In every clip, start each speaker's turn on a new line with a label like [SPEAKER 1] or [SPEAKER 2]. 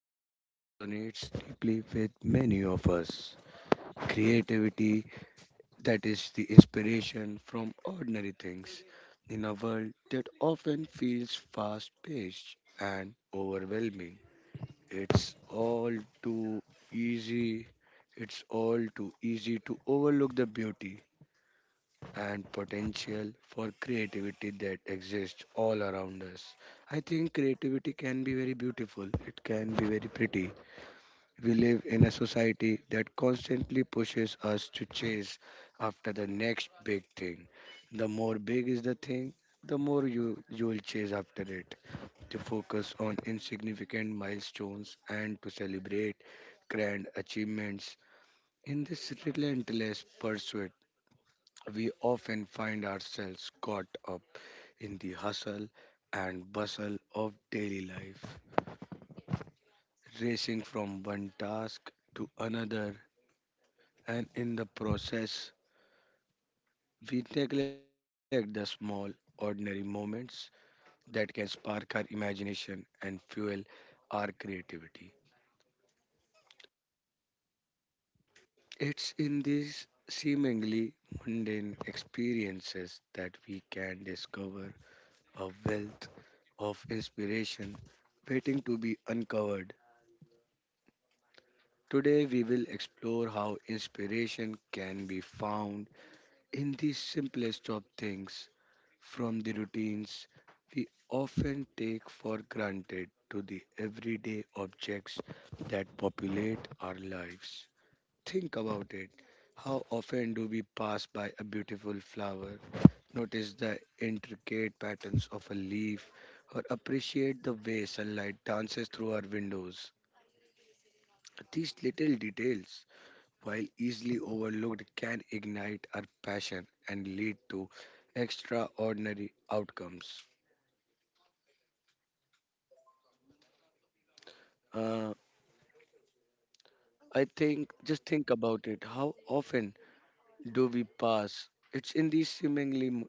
[SPEAKER 1] topic that resonates deeply with many of us: creativity, that is, the inspiration from ordinary things. In a world that often feels fast paced and overwhelming, it's all too easy. It's all too easy to overlook the beauty and potential for creativity that exists all around us. I think creativity can be very beautiful, it can be very pretty. We live in a society that constantly pushes us to chase after the next big thing. The more big is the thing, the more you will chase after it to focus on insignificant milestones and to celebrate grand achievements. In this relentless pursuit, we often find ourselves caught up in the hustle and bustle of daily life, racing from one task to another, and in the process, we neglect the small, ordinary moments that can spark our imagination and fuel our creativity. It's in these seemingly mundane experiences that we can discover a wealth of inspiration waiting to be uncovered. Today, we will explore how inspiration can be found in the simplest of things, from the routines we often take for granted to the everyday objects that populate our lives. Think about it. How often do we pass by a beautiful flower, notice the intricate patterns of a leaf, or appreciate the way sunlight dances through our windows? These little details, while easily overlooked, can ignite our passion and lead to extraordinary outcomes. Uh, I think, just think about it. How often do we pass? It's in these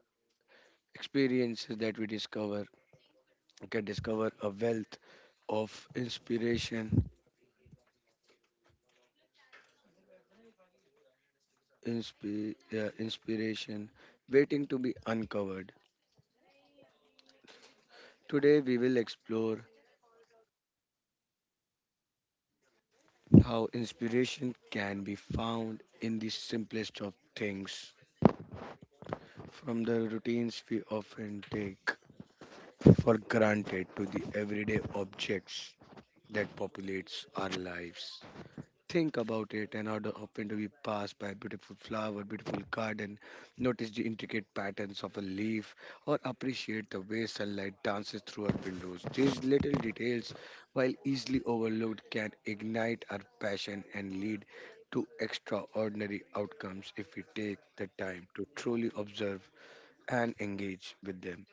[SPEAKER 1] experiences that we discover can discover a wealth of inspiration, inspiration waiting to be uncovered. Today, we will explore how inspiration can be found in the simplest of things, from the routines we often take for granted to the everyday objects that populates our lives. Think about it and often do we pass by a beautiful flower, beautiful garden, notice the intricate patterns of a leaf, or appreciate the way sunlight dances through our windows. These little details, while easily overlooked, can ignite our passion and lead to extraordinary outcomes if we take the time to truly observe and engage with them.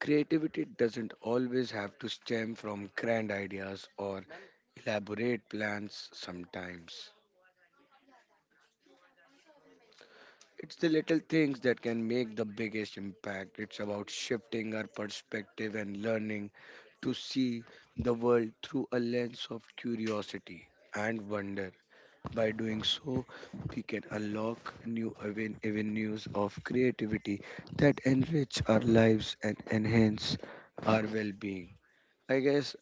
[SPEAKER 1] Creativity doesn't always have to stem from grand ideas or elaborate plans sometimes. It's the little things that can make the biggest impact. It's about shifting our perspective and learning to see the world through a lens of curiosity and wonder. By doing so, we can unlock avenues of creativity that enrich our lives and enhance our well being. I guess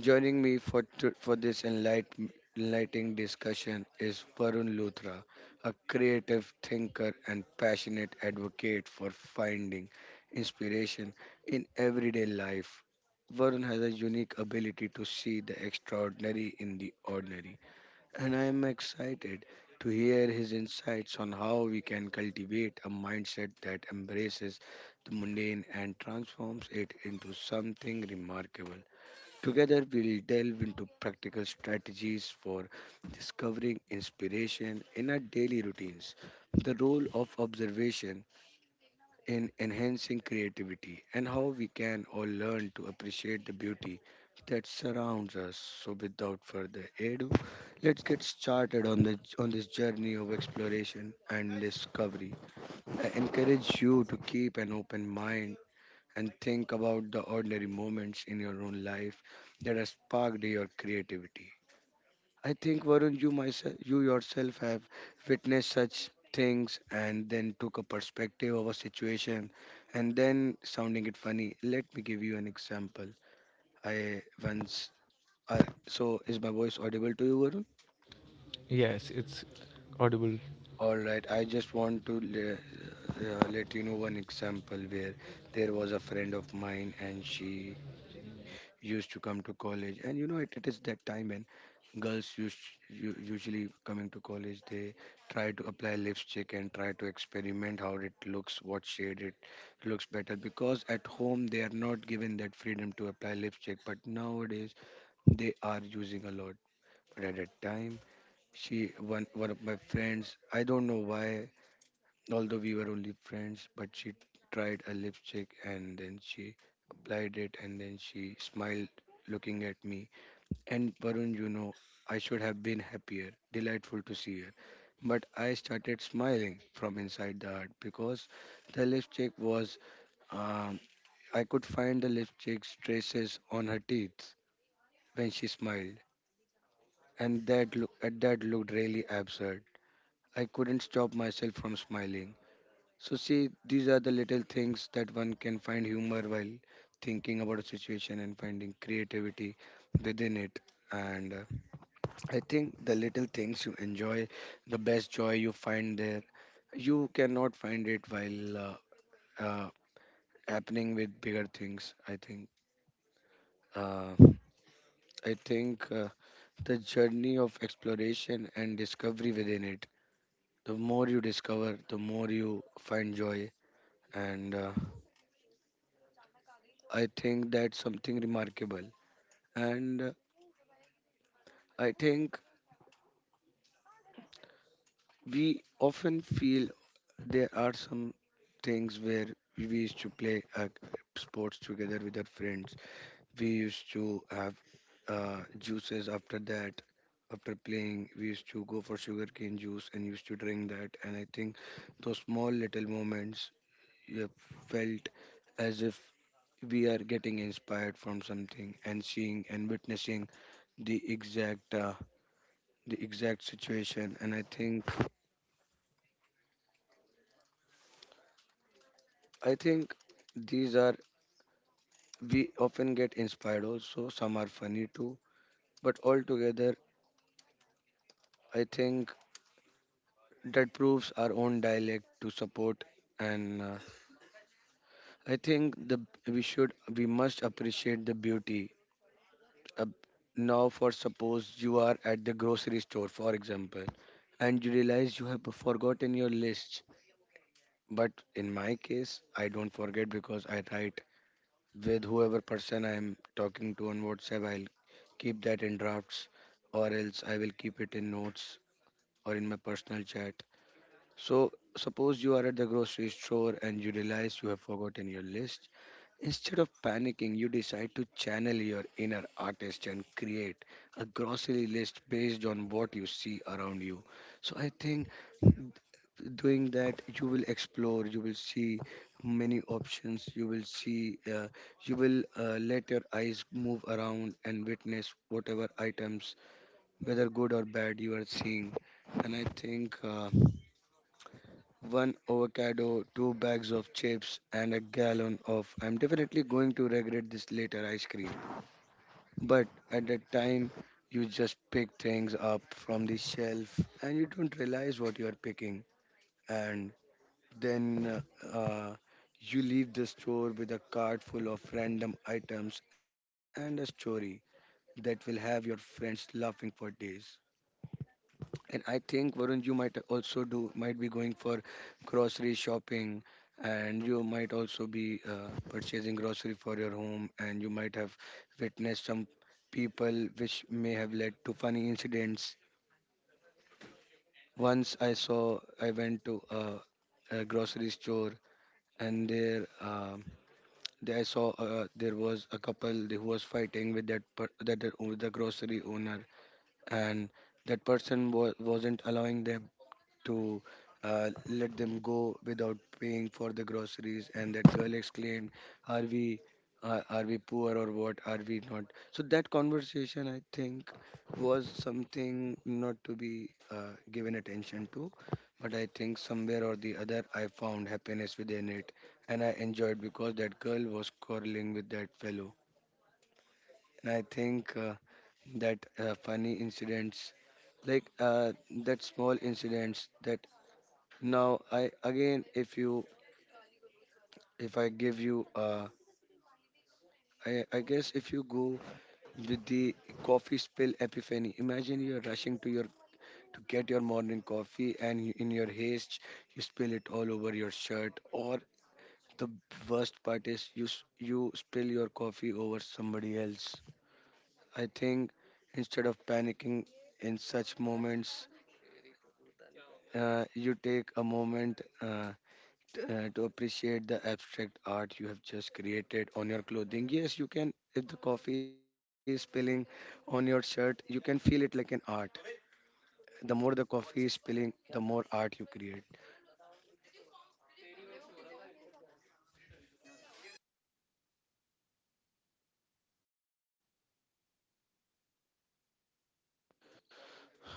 [SPEAKER 1] joining me for this enlightening discussion is Varun Luthra, a creative thinker and passionate advocate for finding inspiration in everyday life. Varun has a unique ability to see the extraordinary in the ordinary, and I am excited to hear his insights on how we can cultivate a mindset that embraces the mundane and transforms it into something remarkable. Together, we'll delve into practical strategies for discovering inspiration in our daily routines, the role of observation in enhancing creativity, and how we can all learn to appreciate the beauty that surrounds us. So, without further ado, let's get started on this journey of exploration and discovery. I encourage you to keep an open mind and think about the ordinary moments in your own life that have sparked your creativity. I think Varun, you yourself have witnessed such things and then took a perspective of a situation and then sounding it funny. Let me give you an example. I once, I, so is my voice audible to you, Varun?
[SPEAKER 2] Yes, it's audible.
[SPEAKER 1] All right, I just want to let you know one example where there was a friend of mine and she used to come to college. And you know, it is that time when girls us usually coming to college, they try to apply lipstick and try to experiment how it looks, what shade it looks better. Because at home, they are not given that freedom to apply lipstick, but nowadays they are using a lot. But at that time, she one of my friends, I don't know why. Although we were only friends, but she tried a lipstick and then she applied it and then she smiled looking at me. And Varun, you know, I should have been happier, delightful to see her. But I started smiling from inside the heart because the lipstick was, um, I could find the lipstick's traces on her teeth when she smiled. And at that looked really absurd. I couldn't stop myself from smiling. So, see, these are the little things that one can find humor while thinking about a situation and finding creativity within it. And I think the little things you enjoy, the best joy you find there, you cannot find it while uh, happening with bigger things, I think. Uh, I think uh, the journey of exploration and discovery within it. The more you discover, the more you find joy. And. I think that's something remarkable. And I think we often feel there are some things where we used to play sports together with our friends. We used to have juices after that. After playing, we used to go for sugarcane juice and used to drink that. And I think those small little moments you have felt as if we are getting inspired from something and seeing and witnessing the exact uh, the exact situation. And I think these are, we often get inspired, also some are funny too, but altogether I think that proves our own dialect to support. And I think the we must appreciate the beauty. uh, Now for suppose you are at the grocery store, for example, and you realize you have forgotten your list. But in my case, I don't forget because I write with whoever person I'm talking to on WhatsApp. I'll keep that in drafts, or else I will keep it in notes or in my personal chat. So, suppose you are at the grocery store and you realize you have forgotten your list. Instead of panicking, you decide to channel your inner artist and create a grocery list based on what you see around you. So, I think doing that you will explore, you will see many options, you will see you will, let your eyes move around and witness whatever items, whether good or bad, you are seeing. And I think one avocado, two bags of chips, and a gallon of I'm definitely going to regret this later ice cream. But at that time, you just pick things up from the shelf and you don't realize what you are picking. And then uh, uh, you leave the store with a cart full of random items and a story that will have your friends laughing for days. And I think Varun, you might also do, might be going for grocery shopping, and you might also be purchasing grocery for your home, and you might have witnessed some people which may have led to funny incidents. Once I went to a grocery store, and there I saw there was a couple who was fighting with that per- that that- with the grocery owner, and that person was wasn't allowing them to, let them go without paying for the groceries. And that girl exclaimed, "Are we, are we poor or what? Are we not?" So that conversation, I think, was something not to be given attention to, but I think somewhere or the other, I found happiness within it, and I enjoyed because that girl was quarreling with that fellow. And I think that funny incidents like uh, that small incidents that, now, I again, if you, if I give you, I guess if you go with the coffee spill epiphany, imagine you're rushing to get your morning coffee, and you, in your haste, you spill it all over your shirt. Or the worst part is you spill your coffee over somebody else. I think instead of panicking in such moments, you take a moment, to appreciate the abstract art you have just created on your clothing. Yes, you can. If the coffee is spilling on your shirt, you can feel it like an art. The more the coffee is spilling, the more art you create.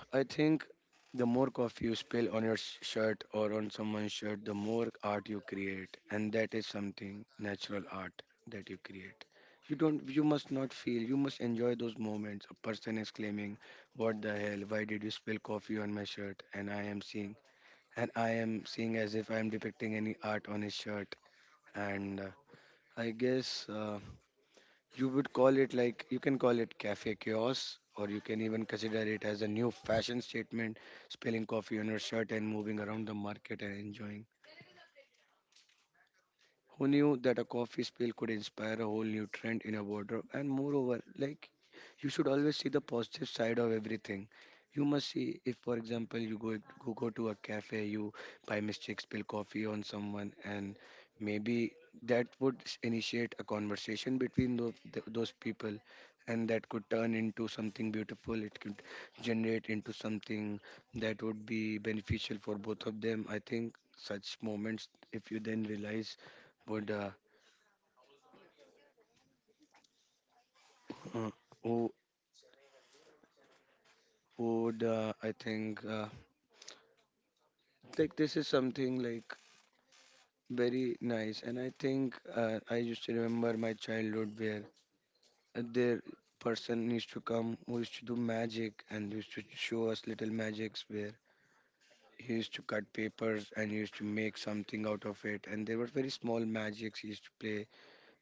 [SPEAKER 1] I think the more coffee you spill on your shirt or on someone's shirt, the more art you create, and that is something natural art that you create. You don't. You must not feel. You must enjoy those moments. A person is claiming, "What the hell? Why did you spill coffee on my shirt?" And I am seeing as if I am depicting any art on his shirt. And I guess you would call it like, you can call it cafe chaos, or you can even consider it as a new fashion statement, spilling coffee on your shirt and moving around the market and enjoying. Who knew that a coffee spill could inspire a whole new trend in a wardrobe? And moreover, like, you should always see the positive side of everything. You must see if, for example, you go to a cafe, you by mistake spill coffee on someone, and maybe that would initiate a conversation between those people, and that could turn into something beautiful. It could generate into something that would be beneficial for both of them. I think such moments, if you then realize, would uh, who would I think, like, this is something like very nice. And I think, I used to remember my childhood where, there, person used to come who used to do magic and used to show us little magics, where he used to cut papers and he used to make something out of it, and there were very small magics he used to play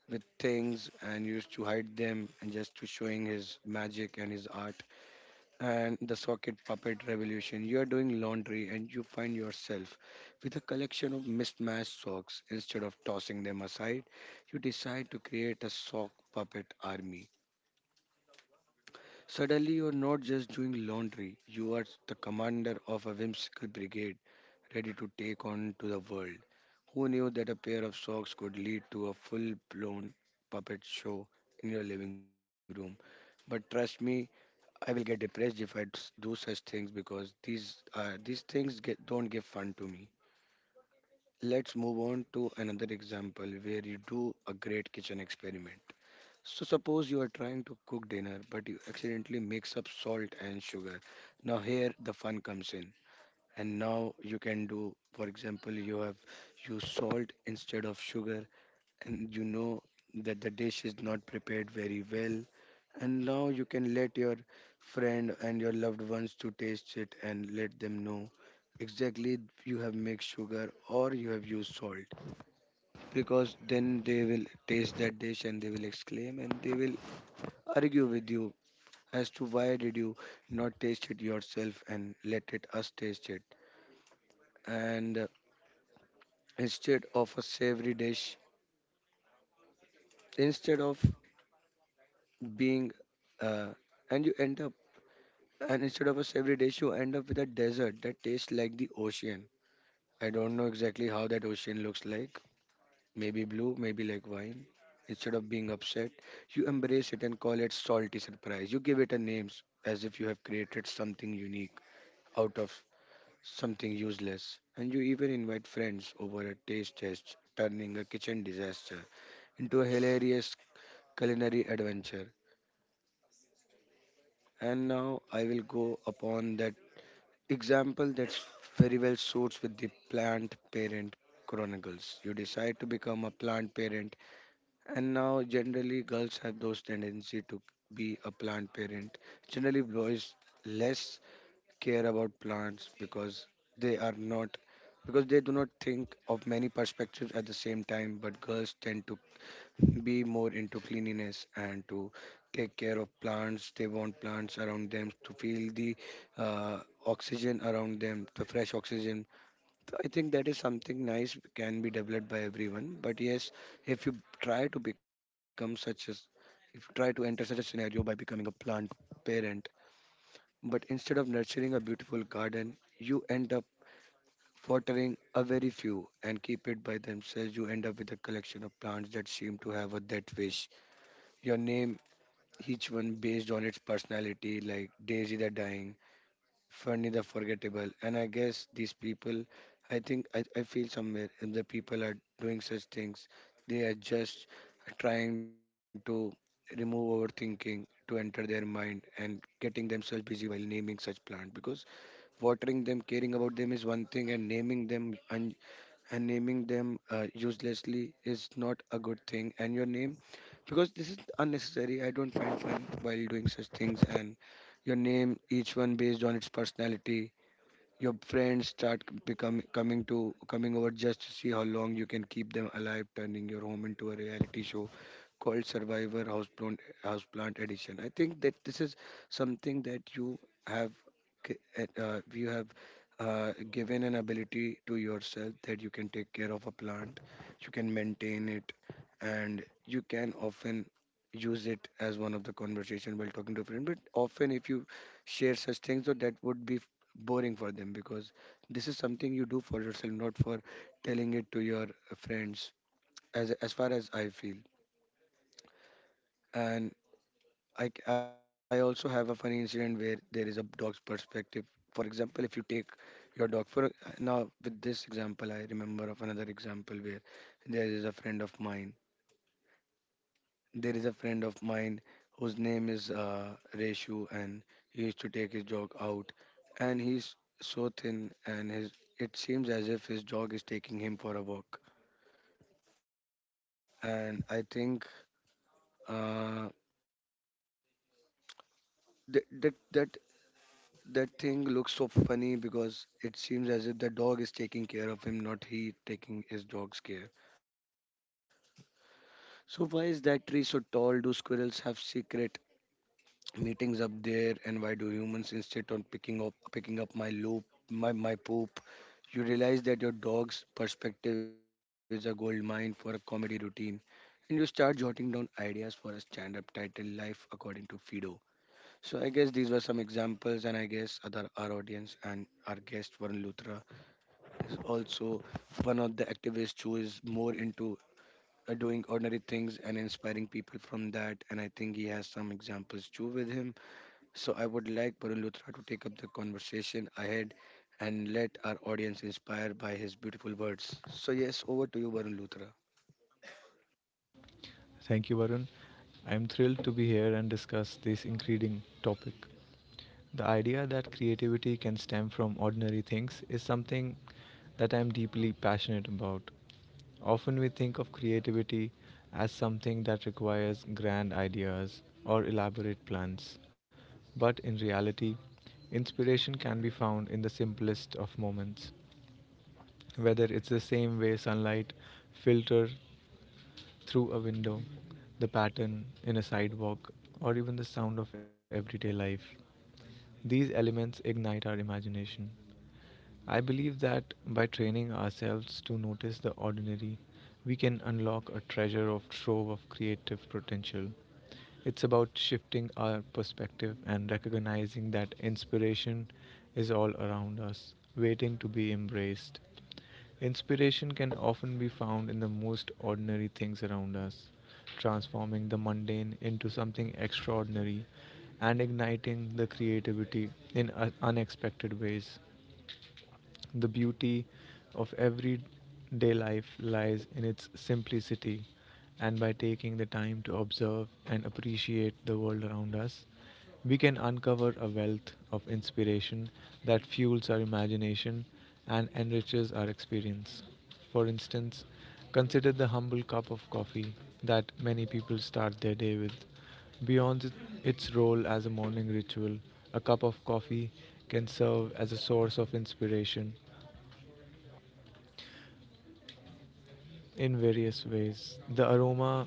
[SPEAKER 1] with things and used to hide them and just to showing his magic and his art. And the socket puppet revolution. You are doing laundry and you find yourself with a collection of mismatched socks. Instead of tossing them aside, you decide to create a sock puppet army. Suddenly, you're not just doing laundry, you are the commander of a whimsical brigade ready to take on to the world. Who knew that a pair of socks could lead to a full blown puppet show in your living room? But trust me, I will get depressed if I do such things, because these things get, don't give fun to me. Let's move on to another example where you do a great kitchen experiment. So suppose you are trying to cook dinner but you accidentally mix up salt and sugar. Now here the fun comes in. And now you can do, for example, you have used salt instead of sugar, and you know that the dish is not prepared very well, and now you can let your friend and your loved ones to taste it and let them know exactly you have mixed sugar or you have used salt, because then they will taste that dish and they will exclaim and they will argue with you as to why did you not taste it yourself and let it us taste it. And instead of a savory dish, instead of being uh, and you end up. And instead of a savory dish, you end up with a dessert that tastes like the ocean. I don't know exactly how that ocean looks like. Maybe blue, maybe like wine. Instead of being upset, you embrace it and call it salty surprise. You give it a name as if you have created something unique out of something useless. And you even invite friends over a taste test, turning a kitchen disaster into a hilarious culinary adventure. And now I will go upon that example that's very well suits with the plant parent chronicles. You decide to become a plant parent, and now generally girls have those tendency to be a plant parent. Generally, boys less care about plants because they are not, because they do not think of many perspectives at the same time, but girls tend to be more into cleanliness and to take care of plants. They want plants around them to feel the uh, oxygen around them, the fresh oxygen. So I think that is something nice can be developed by everyone. But yes, if you try to become such as, if you try to enter such a scenario by becoming a plant parent, but instead of nurturing a beautiful garden, you end up watering a very few and keep it by themselves, you end up with a collection of plants that seem to have a death wish. Your name, each one based on its personality, like Daisy the Dying, Funny the Forgettable. And I guess these people, I think, I feel somewhere if the people are doing such things, they are just trying to remove overthinking to enter their mind and getting themselves busy while naming such plant, because watering them, caring about them is one thing, and naming them, and naming them uselessly is not a good thing. And your name, because this is unnecessary, I don't find fun while doing such things. And your name each one based on its personality, your friends start becoming coming to coming over just to see how long you can keep them alive, turning your home into a reality show called survivor houseplant, houseplant edition. I think that this is something that you have you have given an ability to yourself, that you can take care of a plant, you can maintain it, and you can often use it boring for them, because this is something you do for yourself, not for telling it to your friends, as far as I feel. And I also have a funny incident where there is a dog's perspective. For example, if you take your dog for, now with this example I remember of another example where there is a friend of mine there is a friend of mine whose name is Reshu, and he used to take his dog out. And he's so thin, and his, it seems as if his dog is taking him for a walk. And I think, uh, that that that that thing looks so funny because it seems as if the dog is taking care of him, not he taking his dog's care. So why is that tree so tall? Do squirrels have secret meetings up there, and why do humans insist on picking up my loop, my poop? You realize that your dog's perspective is a gold mine for a comedy routine, and you start jotting down ideas for a stand-up title, life according to Fido. So I guess these were some examples, and I guess other, our audience and our guest Varun Luthra is also one of the activists who is more into doing ordinary things and inspiring people from that, and I think he has some examples too with him. So I would like Varun Luthra to take up the conversation ahead and let our audience inspire by his beautiful words. So yes, over to you, Varun Luthra.
[SPEAKER 2] Thank you, Varun. I am thrilled to be here and discuss this intriguing topic. The idea that creativity can stem from ordinary things is something that I am deeply passionate about. Often we think of creativity as something that requires grand ideas or elaborate plans, but in reality, inspiration can be found in the simplest of moments. Whether it's the same way sunlight filter through a window, the pattern in a sidewalk, or even the sound of everyday life. These elements ignite our imagination. I believe that by training ourselves to notice the ordinary, we can unlock a treasure of trove of creative potential. It's about shifting our perspective and recognizing that inspiration is all around us, waiting to be embraced. Inspiration can often be found in the most ordinary things around us, transforming the mundane into something extraordinary and igniting the creativity in unexpected ways. The beauty of everyday life lies in its simplicity, and by taking the time to observe and appreciate the world around us, we can uncover a wealth of inspiration that fuels our imagination and enriches our experience. For instance, consider the humble cup of coffee that many people start their day with. Beyond its role as a morning ritual, a cup of coffee can serve as a source of inspiration in various ways. The aroma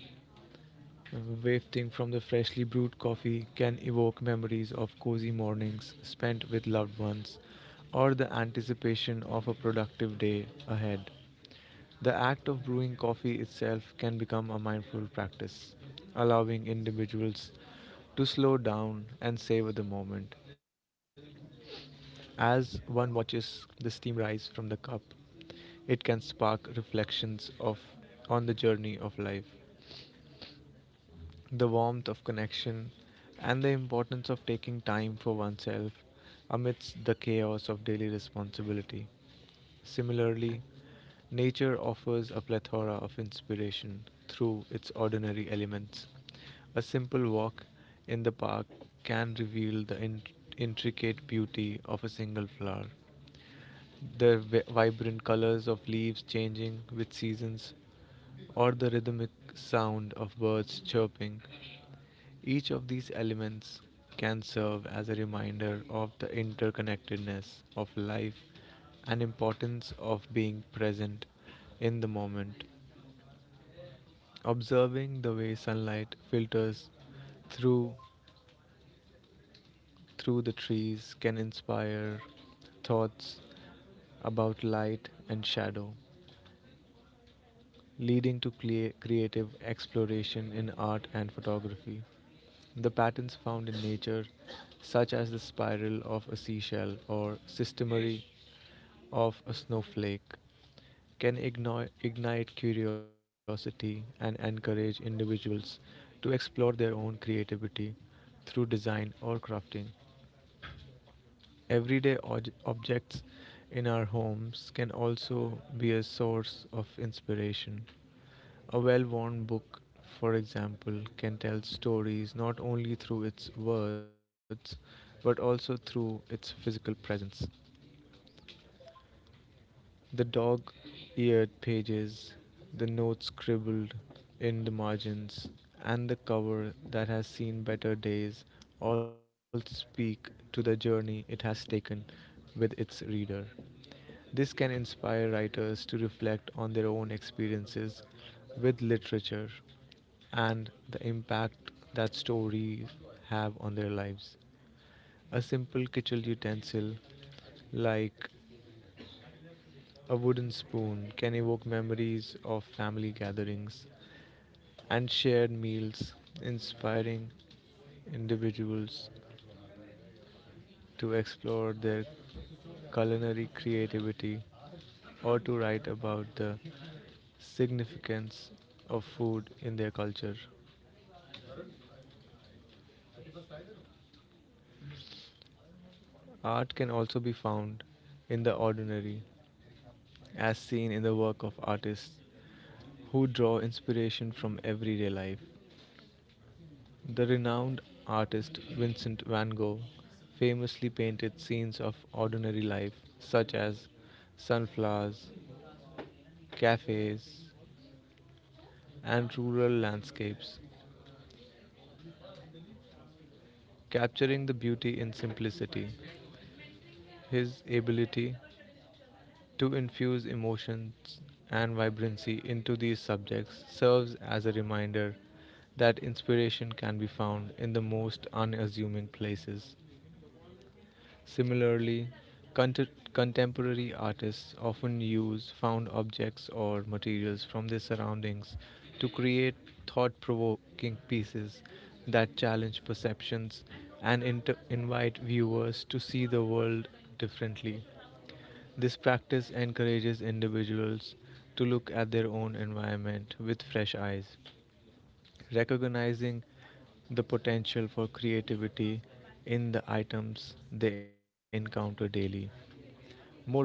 [SPEAKER 2] uh, wafting from the freshly brewed coffee can evoke memories of cozy mornings spent with loved ones or the anticipation of a productive day ahead. The act of brewing coffee itself can become a mindful practice, allowing individuals to slow down and savor the moment. As one watches the steam rise from the cup, it can spark reflections of on the journey of life, the warmth of connection, and the importance of taking time for oneself amidst the chaos of daily responsibility. Similarly, nature offers a plethora of inspiration through its ordinary elements. A simple walk in the park can reveal the intricate beauty of a single flower, their vibrant colors of leaves changing with seasons, or the rhythmic sound of birds chirping. Each of these elements can serve as a reminder of the interconnectedness of life and importance of being present in the moment. Observing the way sunlight filters through through the trees can inspire thoughts about light and shadow, leading to creative exploration in art and photography. The patterns found in nature, such as the spiral of a seashell or systemery of a snowflake, can ignite curiosity and encourage individuals to explore their own creativity through design or crafting. Everyday objects in our homes can also be a source of inspiration. A well worn book, for example, can tell stories not only through its words but also through its physical presence. The dog eared pages, the notes scribbled in the margins, and the cover that has seen better days all speak to the journey it has taken with its reader. This can inspire writers to reflect on their own experiences with literature and the impact that stories have on their lives. A simple kitchen utensil like a wooden spoon can evoke memories of family gatherings and shared meals, inspiring individuals to explore their culinary creativity or to write about the significance of food in their culture. Art can also be found in the ordinary, as seen in the work of artists who draw inspiration from everyday life. The renowned artist Vincent van Gogh famously painted scenes of ordinary life, such as sunflowers, cafes, and rural landscapes, capturing the beauty in simplicity. His ability to infuse emotions and vibrancy into these subjects serves as a reminder that inspiration can be found in the most unassuming places. Similarly, contemporary artists often use found objects or materials from their surroundings to create thought provoking pieces that challenge perceptions and invite viewers to see the world differently. This practice encourages individuals to look at their own environment with fresh eyes, recognizing the potential for creativity in the items they encounter daily. Moreover,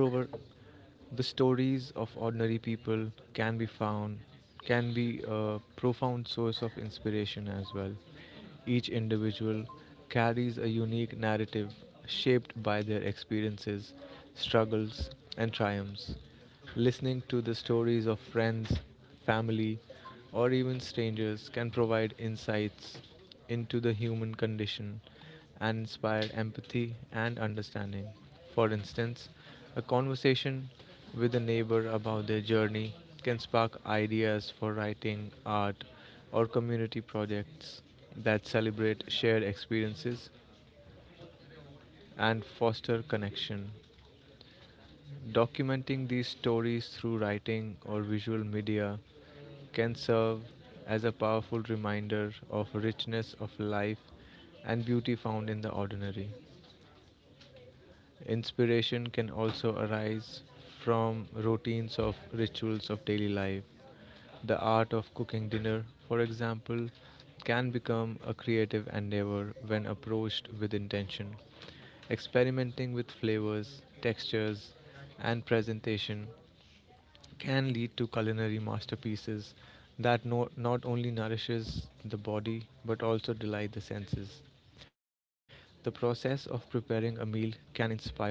[SPEAKER 2] the stories of ordinary people can be found can be a profound source of inspiration as well. Each individual carries a unique narrative shaped by their experiences, struggles, and triumphs. Listening to the stories of friends, family, or even strangers can provide insights into the human condition and inspire empathy and understanding. For instance, a conversation with a neighbor about their journey can spark ideas for writing, art, or community projects that celebrate shared experiences and foster connection. Documenting these stories through writing or visual media can serve as a powerful reminder of richness of life and beauty found in the ordinary. Inspiration can also arise from routines of rituals of daily life. The art of cooking dinner, for example, can become a creative endeavor when approached with intention. Experimenting with flavors, textures, and presentation can lead to culinary masterpieces that not only nourishes the body but also delight the senses. The process of preparing a meal can inspire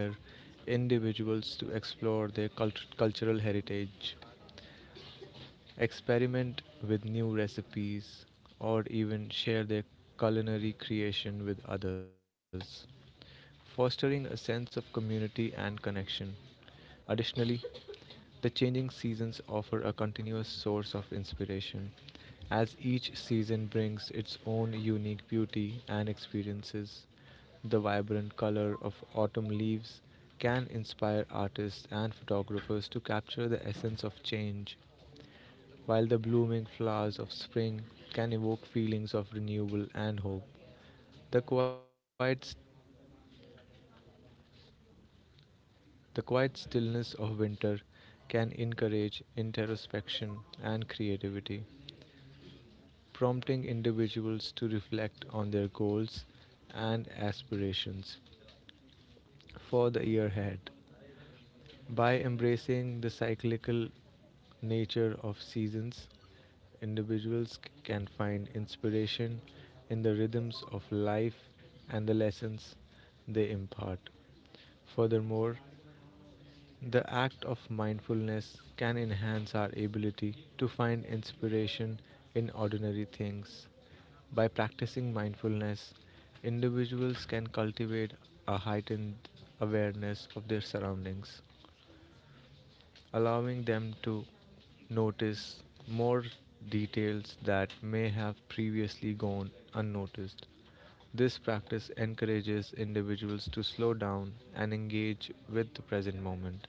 [SPEAKER 2] individuals to explore their cultural heritage, experiment with new recipes, or even share their culinary creation with others, fostering a sense of community and connection. Additionally, the changing seasons offer a continuous source of inspiration, as each season brings its own unique beauty and experiences. The vibrant color of autumn leaves can inspire artists and photographers to capture the essence of change, while the blooming flowers of spring can evoke feelings of renewal and hope. The quiet, the quiet stillness of winter can encourage introspection and creativity, prompting individuals to reflect on their goals and aspirations for the year ahead. By embracing the cyclical nature of seasons, individuals can find inspiration in the rhythms of life and the lessons they impart. Furthermore, the act of mindfulness can enhance our ability to find inspiration in ordinary things. By practicing mindfulness, individuals can cultivate a heightened awareness of their surroundings, allowing them to notice more details that may have previously gone unnoticed. This practice encourages individuals to slow down and engage with the present moment,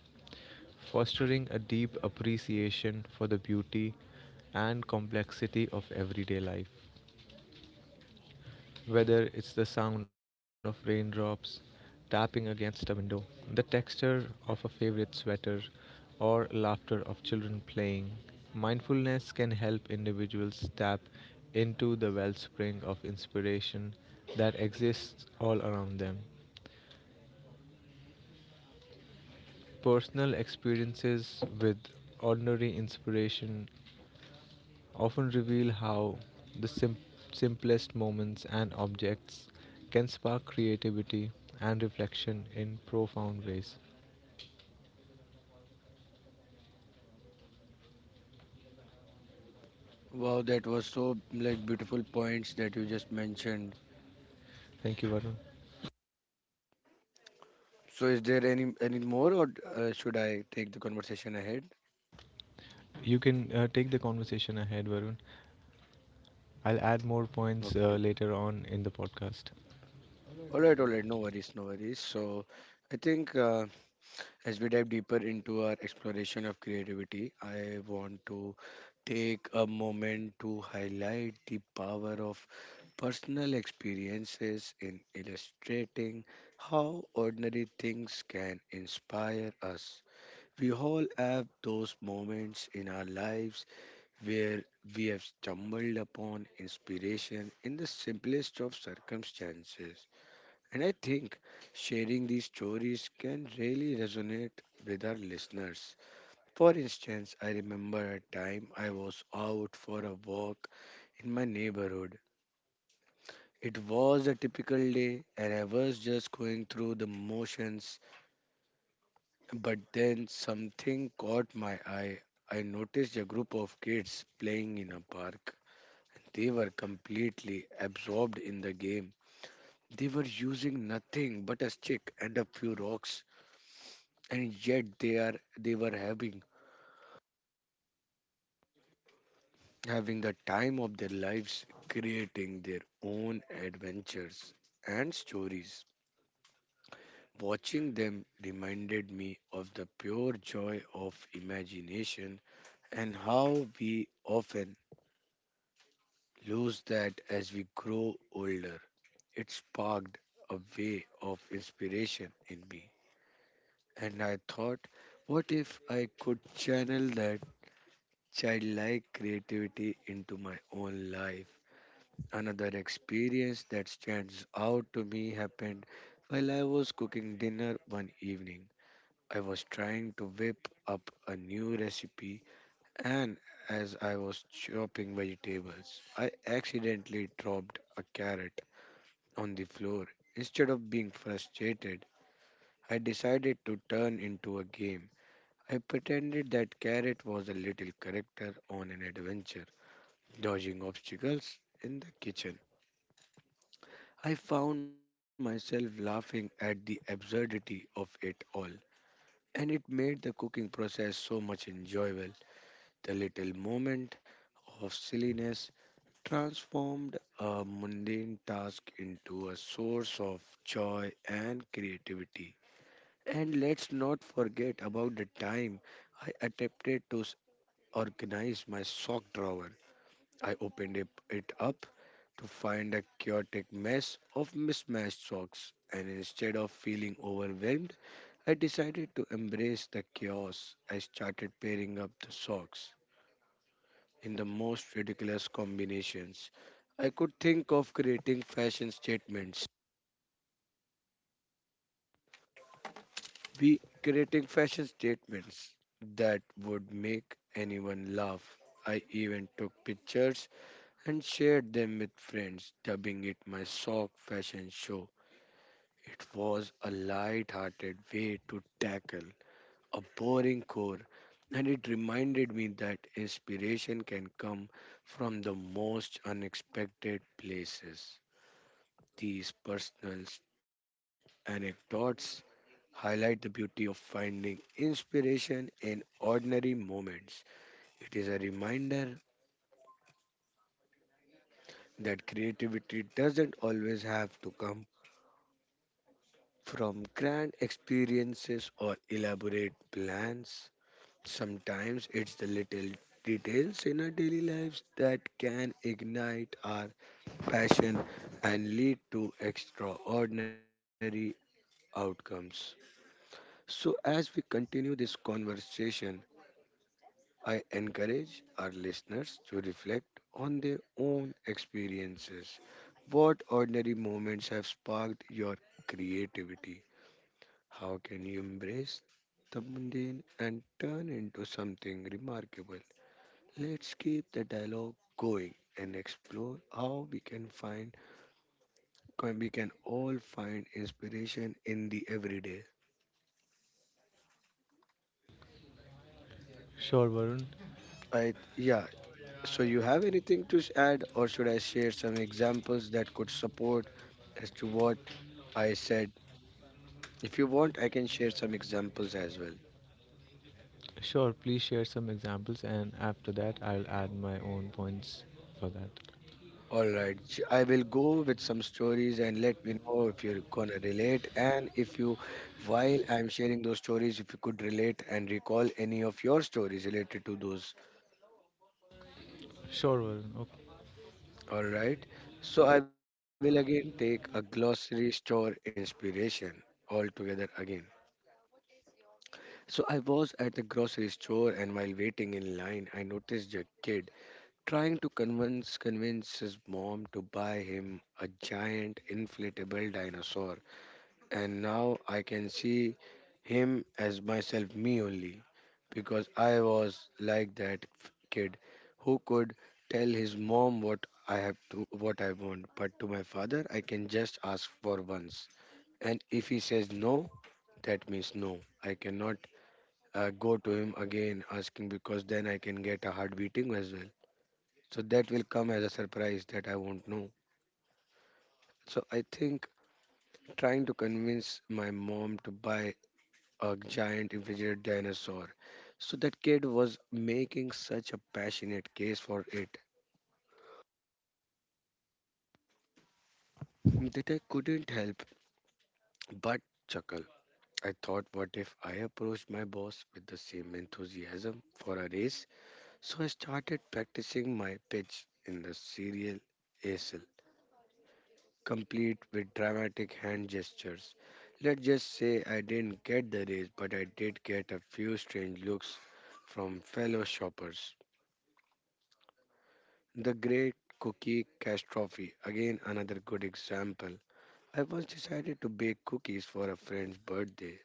[SPEAKER 2] fostering a deep appreciation for the beauty and complexity of everyday life. Whether it's the sound of raindrops tapping against a window, the texture of a favorite sweater, or laughter of children playing, mindfulness can help individuals tap into the wellspring of inspiration that exists all around them. Personal experiences with ordinary inspiration often reveal how the simplest moments and objects can spark creativity and reflection in profound ways.
[SPEAKER 1] Wow, that was so like beautiful points that you just mentioned.
[SPEAKER 2] Thank you, Varun.
[SPEAKER 1] So is there any more, or should I take the conversation ahead?
[SPEAKER 2] You can take the conversation ahead, Varun. I'll add more
[SPEAKER 1] Okay.
[SPEAKER 2] points later on in the podcast.
[SPEAKER 1] All right, all right. No worries, no worries. So I think. As we dive deeper into our exploration of creativity, I want to take a moment to highlight the power of personal experiences in illustrating how ordinary things can inspire us. We all have those moments in our lives where we have stumbled upon inspiration in the simplest of circumstances, and I think sharing these stories can really resonate with our listeners. For instance, I remember a time I was out for a walk in my neighborhood. It was a typical day, and I was just going through the motions. But then something caught my eye. I noticed a group of kids playing in a park. They were completely absorbed in the game. They were using nothing but a stick and a few rocks, and yet they were having the time of their lives, creating their own adventures and stories. Watching them reminded me of the pure joy of imagination, and how we often lose that as we grow older. It sparked a way of inspiration in me, and I thought, what if I could channel that childlike creativity into my own life? Another experience that stands out to me happened while I was cooking dinner one evening. I was trying to whip up a new recipe, and as I was chopping vegetables, I accidentally dropped a carrot on the floor. Instead of being frustrated, I decided to turn into a game. I pretended that carrot was a little character on an adventure, dodging obstacles in the kitchen. I found myself laughing at the absurdity of it all, and it made the cooking process so much enjoyable. The little moment of silliness transformed a mundane task into a source of joy and creativity. And let's not forget about the time I attempted to organize my sock drawer. I opened it up to find a chaotic mess of mismatched socks, and instead of feeling overwhelmed, I decided to embrace the chaos. I started pairing up the socks in the most ridiculous combinations I could think of, creating fashion statements. We Creating fashion statements that would make anyone laugh. I even took pictures and shared them with friends, dubbing it my sock fashion show. It was a light-hearted way to tackle a boring core, and it reminded me that inspiration can come from the most unexpected places. These personal anecdotes highlight the beauty of finding inspiration in ordinary moments. It is a reminder that creativity doesn't always have to come from grand experiences or elaborate plans. Sometimes it's the little details in our daily lives that can ignite our passion and lead to extraordinary outcomes. So, as we continue this conversation, I encourage our listeners to reflect on their own experiences. What ordinary moments have sparked your creativity? How can you embrace the mundane and turn into something remarkable? Let's keep the dialogue going and explore how we we can all find inspiration in the everyday.
[SPEAKER 2] Sure, Varun.
[SPEAKER 1] I, yeah, so you have anything to add, or should I share some examples that could support as to what I said? If you want, I can share some examples as well.
[SPEAKER 2] Sure, please share some examples, and after that, I'll add my own points for that.
[SPEAKER 1] All right, I will go with some stories and let me know if you're gonna relate, and if you, while I'm sharing those stories, if you could relate and recall any of your stories related to those.
[SPEAKER 2] Sure, Varun. Okay.
[SPEAKER 1] All right, so I will again take a grocery store inspiration altogether again. So I was at the grocery store, and while waiting in line, I noticed a kid trying to convince his mom to buy him a giant inflatable dinosaur. And now I can see him as myself, me only, because I was like that kid who could tell his mom what I what I want, but to my father, I can just ask for once, and if he says no, that means no. I cannot go to him again asking, because then I can get a heart beating as well. So that will come as a surprise that I won't know. So I think trying to convince my mom to buy a giant refrigerated dinosaur. So that kid was making such a passionate case for it that I couldn't help but chuckle. I thought, what if I approached my boss with the same enthusiasm for a race? So I started practicing my pitch in the serial ASL, complete with dramatic hand gestures. Let's just say I didn't get the race, but I did get a few strange looks from fellow shoppers. The Great Cookie Catastrophe, again, another good example. I once decided to bake cookies for a friend's birthday.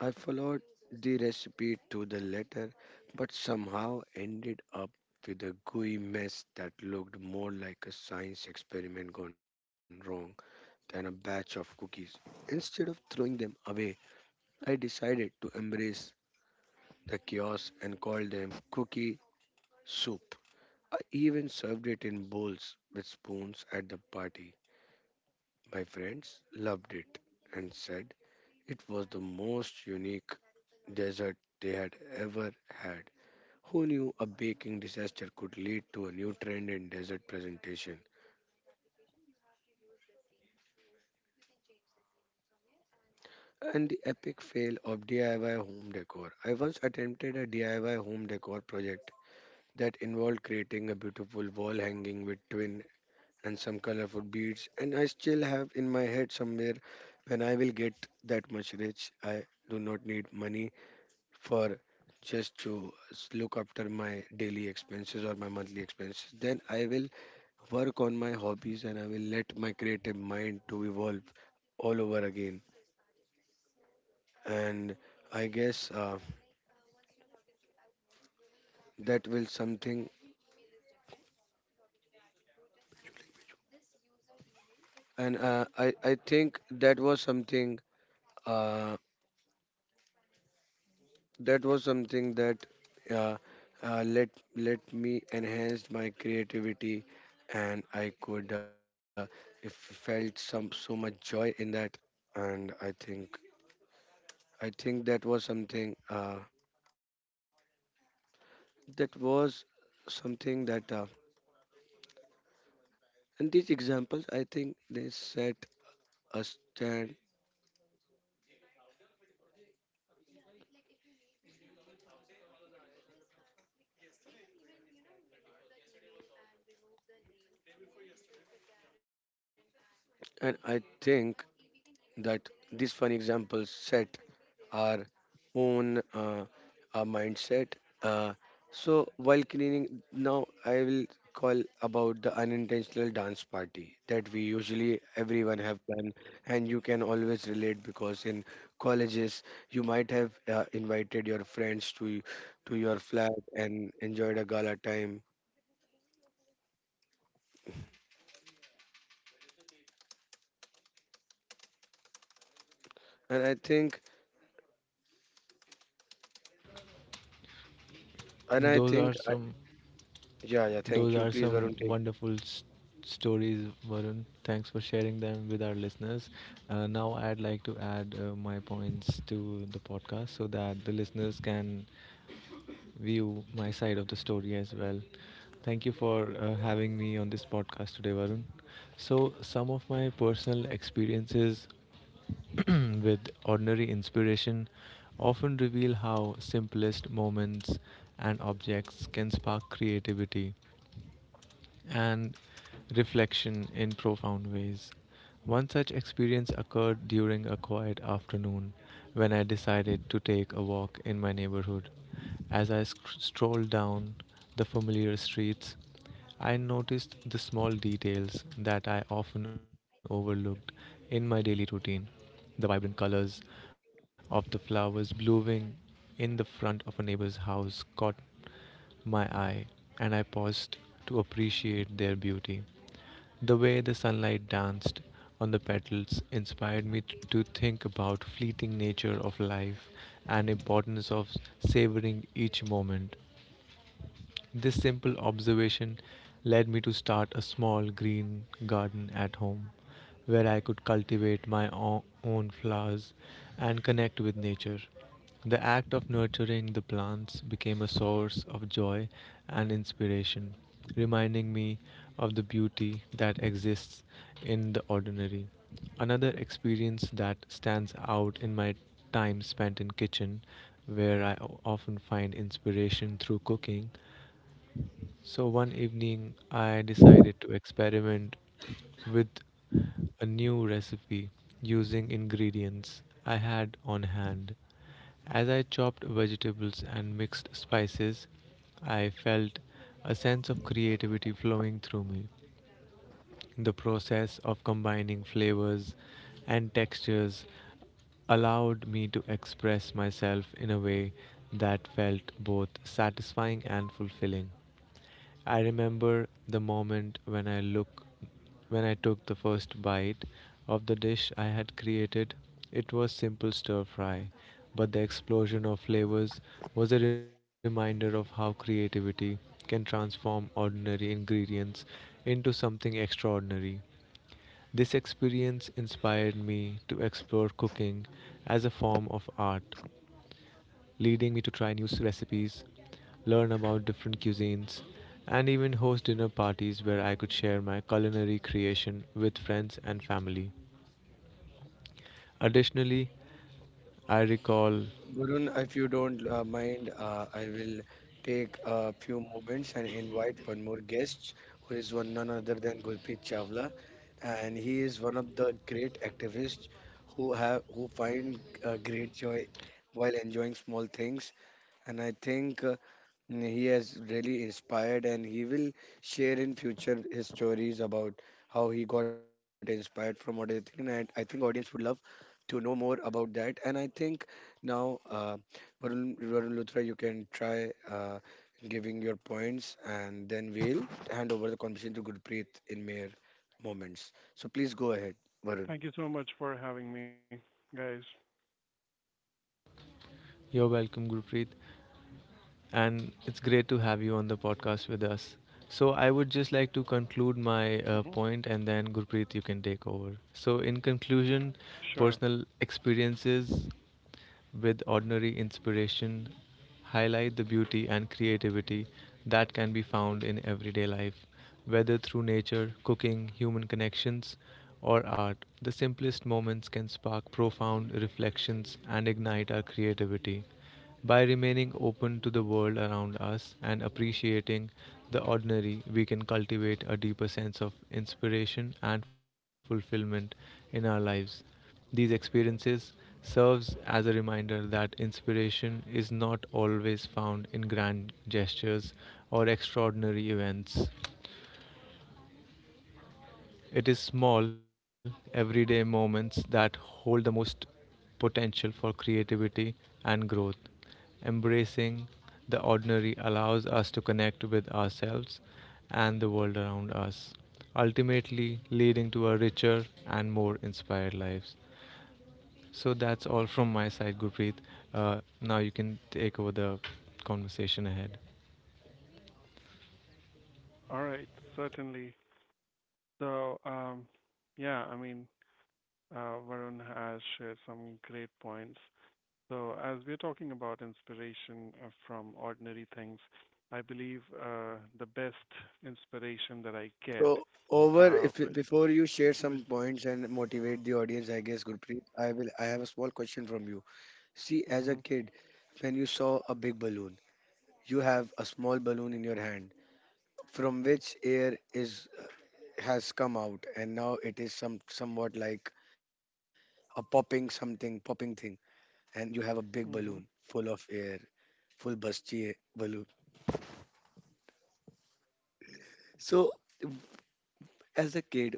[SPEAKER 1] I followed the recipe to the letter, but somehow ended up with a gooey mess that looked more like a science experiment gone wrong than a batch of cookies. Instead of throwing them away, I decided to embrace the chaos and call them cookie soup. I even served it in bowls with spoons at the party. My friends loved it and said it was the most unique dessert they had ever had. Who knew a baking disaster could lead to a new trend in dessert presentation? And the epic fail of DIY home decor. I once attempted a DIY home decor project that involved creating a beautiful wall hanging with twin and some colorful beads, and I still have in my head somewhere when I will get that much rich. I do not need money for just to look after my daily expenses or my monthly expenses. Then I will work on my hobbies and I will let my creative mind to evolve all over again. And I guess that will something. And I think that was something. Uh, that was something that uh, uh, let let me enhance my creativity, and I could if felt some so much joy in that, and I think that was something that was something that and these examples, I think, they set a stand, and I think that these funny examples set our own mindset. Uh, so while cleaning, now I will call about the unintentional dance party that we usually everyone have done, and you can always relate because in colleges you might have invited your friends to your flat and enjoyed a gala time. And I think, and I
[SPEAKER 2] Those are
[SPEAKER 1] think, I,
[SPEAKER 2] some.
[SPEAKER 1] Yeah, yeah.
[SPEAKER 2] Those
[SPEAKER 1] Thank you.
[SPEAKER 2] are
[SPEAKER 1] Please,
[SPEAKER 2] some
[SPEAKER 1] Varun, take.
[SPEAKER 2] wonderful stories, Varun. Thanks for sharing them with our listeners. Now, I'd like to add my points to the podcast so that the listeners can view my side of the story as well. Thank you for having me on this podcast today, Varun. So, some of my personal experiences with ordinary inspiration often reveal how simplest moments and objects can spark creativity and reflection in profound ways. One such experience occurred during a quiet afternoon when I decided to take a walk in my neighborhood. As I strolled down the familiar streets, I noticed the small details that I often overlooked in my daily routine. The vibrant colors of the flowers blooming in the front of a neighbor's house caught my eye, and I paused to appreciate their beauty. The way the sunlight danced on the petals inspired me to think about fleeting nature of life and importance of savoring each moment. This simple observation led me to start a small green garden at home where I could cultivate my own flowers and connect with nature. The act of nurturing the plants became a source of joy and inspiration, reminding me of the beauty that exists in the ordinary. Another experience that stands out in my time spent in kitchen where I often find inspiration through cooking. So one evening, I decided to experiment with a new recipe using ingredients I had on hand. As I chopped vegetables and mixed spices, I felt a sense of creativity flowing through me. The process of combining flavors and textures allowed me to express myself in a way that felt both satisfying and fulfilling. I remember the moment when I took the first bite of the dish I had created. It was simple stir fry, but the explosion of flavors was a reminder of how creativity can transform ordinary ingredients into something extraordinary. This experience inspired me to explore cooking as a form of art, leading me to try new recipes, learn about different cuisines, and even host dinner parties where I could share my culinary creation with friends and family. Additionally, I recall
[SPEAKER 1] Varun, if you don't mind, I will take a few moments and invite one more guest, who is one none other than Gurpreet Chawla, and he is one of the great activists who find great joy while enjoying small things. And I think he has really inspired, and he will share in future his stories about how he got inspired from what I think. And I think audience would love to know more about that. And I think now, Varun Luthra, you can try giving your points, and then we'll hand over the conversation to Gurpreet in mere moments. So please go ahead, Varun.
[SPEAKER 3] Thank you so much for having me, guys.
[SPEAKER 2] you're welcome, Gurpreet, and it's great to have you on the podcast with us. So, I would just like to conclude my
[SPEAKER 3] hmm
[SPEAKER 2] point, and then Gurpreet, you can take over. So, in conclusion,
[SPEAKER 3] Sure.
[SPEAKER 2] personal experiences with ordinary inspiration highlight the beauty and creativity that can be found in everyday life, whether through nature, cooking, human connections, or art. The simplest moments can spark profound reflections and ignite our creativity. By remaining open to the world around us and appreciating the ordinary, we can cultivate a deeper sense of inspiration and fulfillment in our lives. These experiences serves as a reminder that inspiration is not always found in grand gestures or extraordinary events. It is small, everyday moments that hold the most potential for creativity and growth. Embracing the ordinary allows us to connect with ourselves and the world around us, ultimately leading to a richer and more inspired lives. So that's all from my side, Gurpreet. Now you can take over the conversation ahead.
[SPEAKER 3] All right. Certainly. So, um, yeah, I mean, Varun has shared some great points. So, as we're talking about inspiration from ordinary things, I believe the best inspiration that I get,
[SPEAKER 1] So over,
[SPEAKER 3] uh,
[SPEAKER 1] if
[SPEAKER 3] which,
[SPEAKER 1] before you share
[SPEAKER 3] which,
[SPEAKER 1] some points and motivate the audience, I guess, Gurpreet, I will. I have a small question from you. See, as a
[SPEAKER 3] mm-hmm,
[SPEAKER 1] kid, when you saw a big balloon, you have a small balloon in your hand from which air is has come out, and now it is somewhat like a popping, something popping thing, and you have a big balloon
[SPEAKER 3] mm-hmm,
[SPEAKER 1] full of air, full busty balloon. So, w- as a kid,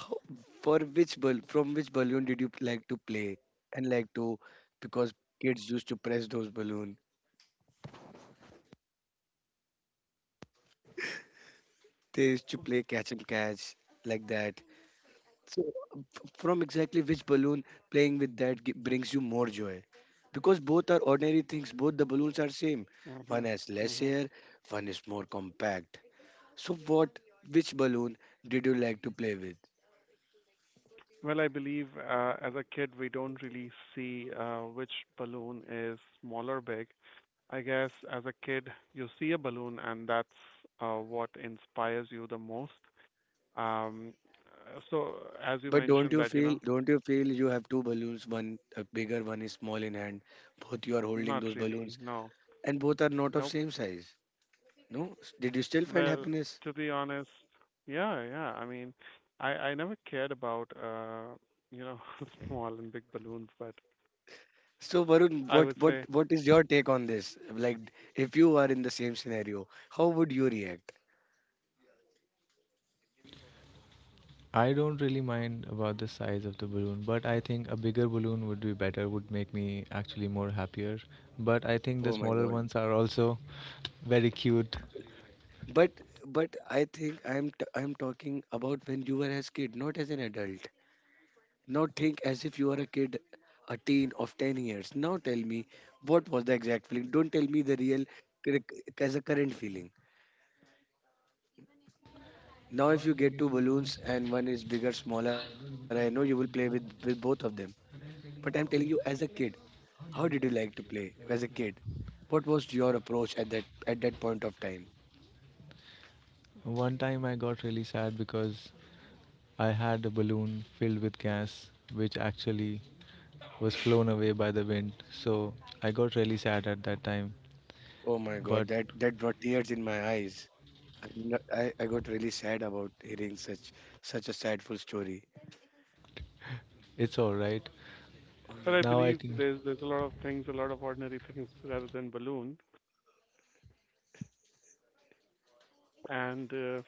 [SPEAKER 1] how, from which balloon did you like to play and like to, because kids used to press those balloon. They used to play catch and catch like that. So, from exactly which balloon playing with that brings you more joy? Because both are ordinary things, both the balloons are same.
[SPEAKER 3] mm-hmm,
[SPEAKER 1] One has less
[SPEAKER 3] mm-hmm,
[SPEAKER 1] air, one is more compact. So, which balloon did you like to play with?
[SPEAKER 3] Well, I believe as a kid, we don't really see which balloon is small or big. I guess as a kid, you see a balloon, and that's what inspires you the most. Um, so, as you
[SPEAKER 1] But
[SPEAKER 3] mentioned, that you know,
[SPEAKER 1] don't you feel you have two balloons, one a bigger, one is small in hand. Both you are holding
[SPEAKER 3] not
[SPEAKER 1] those
[SPEAKER 3] really,
[SPEAKER 1] balloons,
[SPEAKER 3] no,
[SPEAKER 1] and both are not of
[SPEAKER 3] nope.
[SPEAKER 1] same size. No, did you still find
[SPEAKER 3] Well,
[SPEAKER 1] happiness?
[SPEAKER 3] to be honest, yeah, yeah. I mean, I never cared about you know, small and big balloons, but
[SPEAKER 1] So Varun,
[SPEAKER 3] I
[SPEAKER 1] what
[SPEAKER 3] would
[SPEAKER 1] what
[SPEAKER 3] say.
[SPEAKER 1] what is your take on this? Like, if you are in the same scenario, how would you react?
[SPEAKER 2] I don't really mind about the size of the balloon, but I think a bigger balloon would be better, would make me actually more happier. But I think the
[SPEAKER 1] Oh my
[SPEAKER 2] smaller
[SPEAKER 1] God!
[SPEAKER 2] ones are also very cute.
[SPEAKER 1] But I think I'm talking about when you were as kid, not as an adult. Now think as if you are a kid, a teen of 10 years. Now tell me what was the exact feeling. Don't tell me the real cur- as a current feeling. Now if you get two balloons and one is bigger, smaller, I know you will play with both of them. But I'm telling you as a kid, how did you like to play as a kid? What was your approach at that point of time?
[SPEAKER 2] One time I got really sad because I had a balloon filled with gas, which actually was flown away by the wind. So I got really sad at that time,
[SPEAKER 1] Oh my
[SPEAKER 2] but
[SPEAKER 1] God, that brought tears in my eyes. I got really sad about hearing such a sadful story.
[SPEAKER 2] it's all right.
[SPEAKER 1] All
[SPEAKER 3] But
[SPEAKER 1] right.
[SPEAKER 3] I
[SPEAKER 2] Now I
[SPEAKER 3] believe
[SPEAKER 2] can.
[SPEAKER 3] there's a lot of things, a lot of ordinary things rather than balloon. And uh,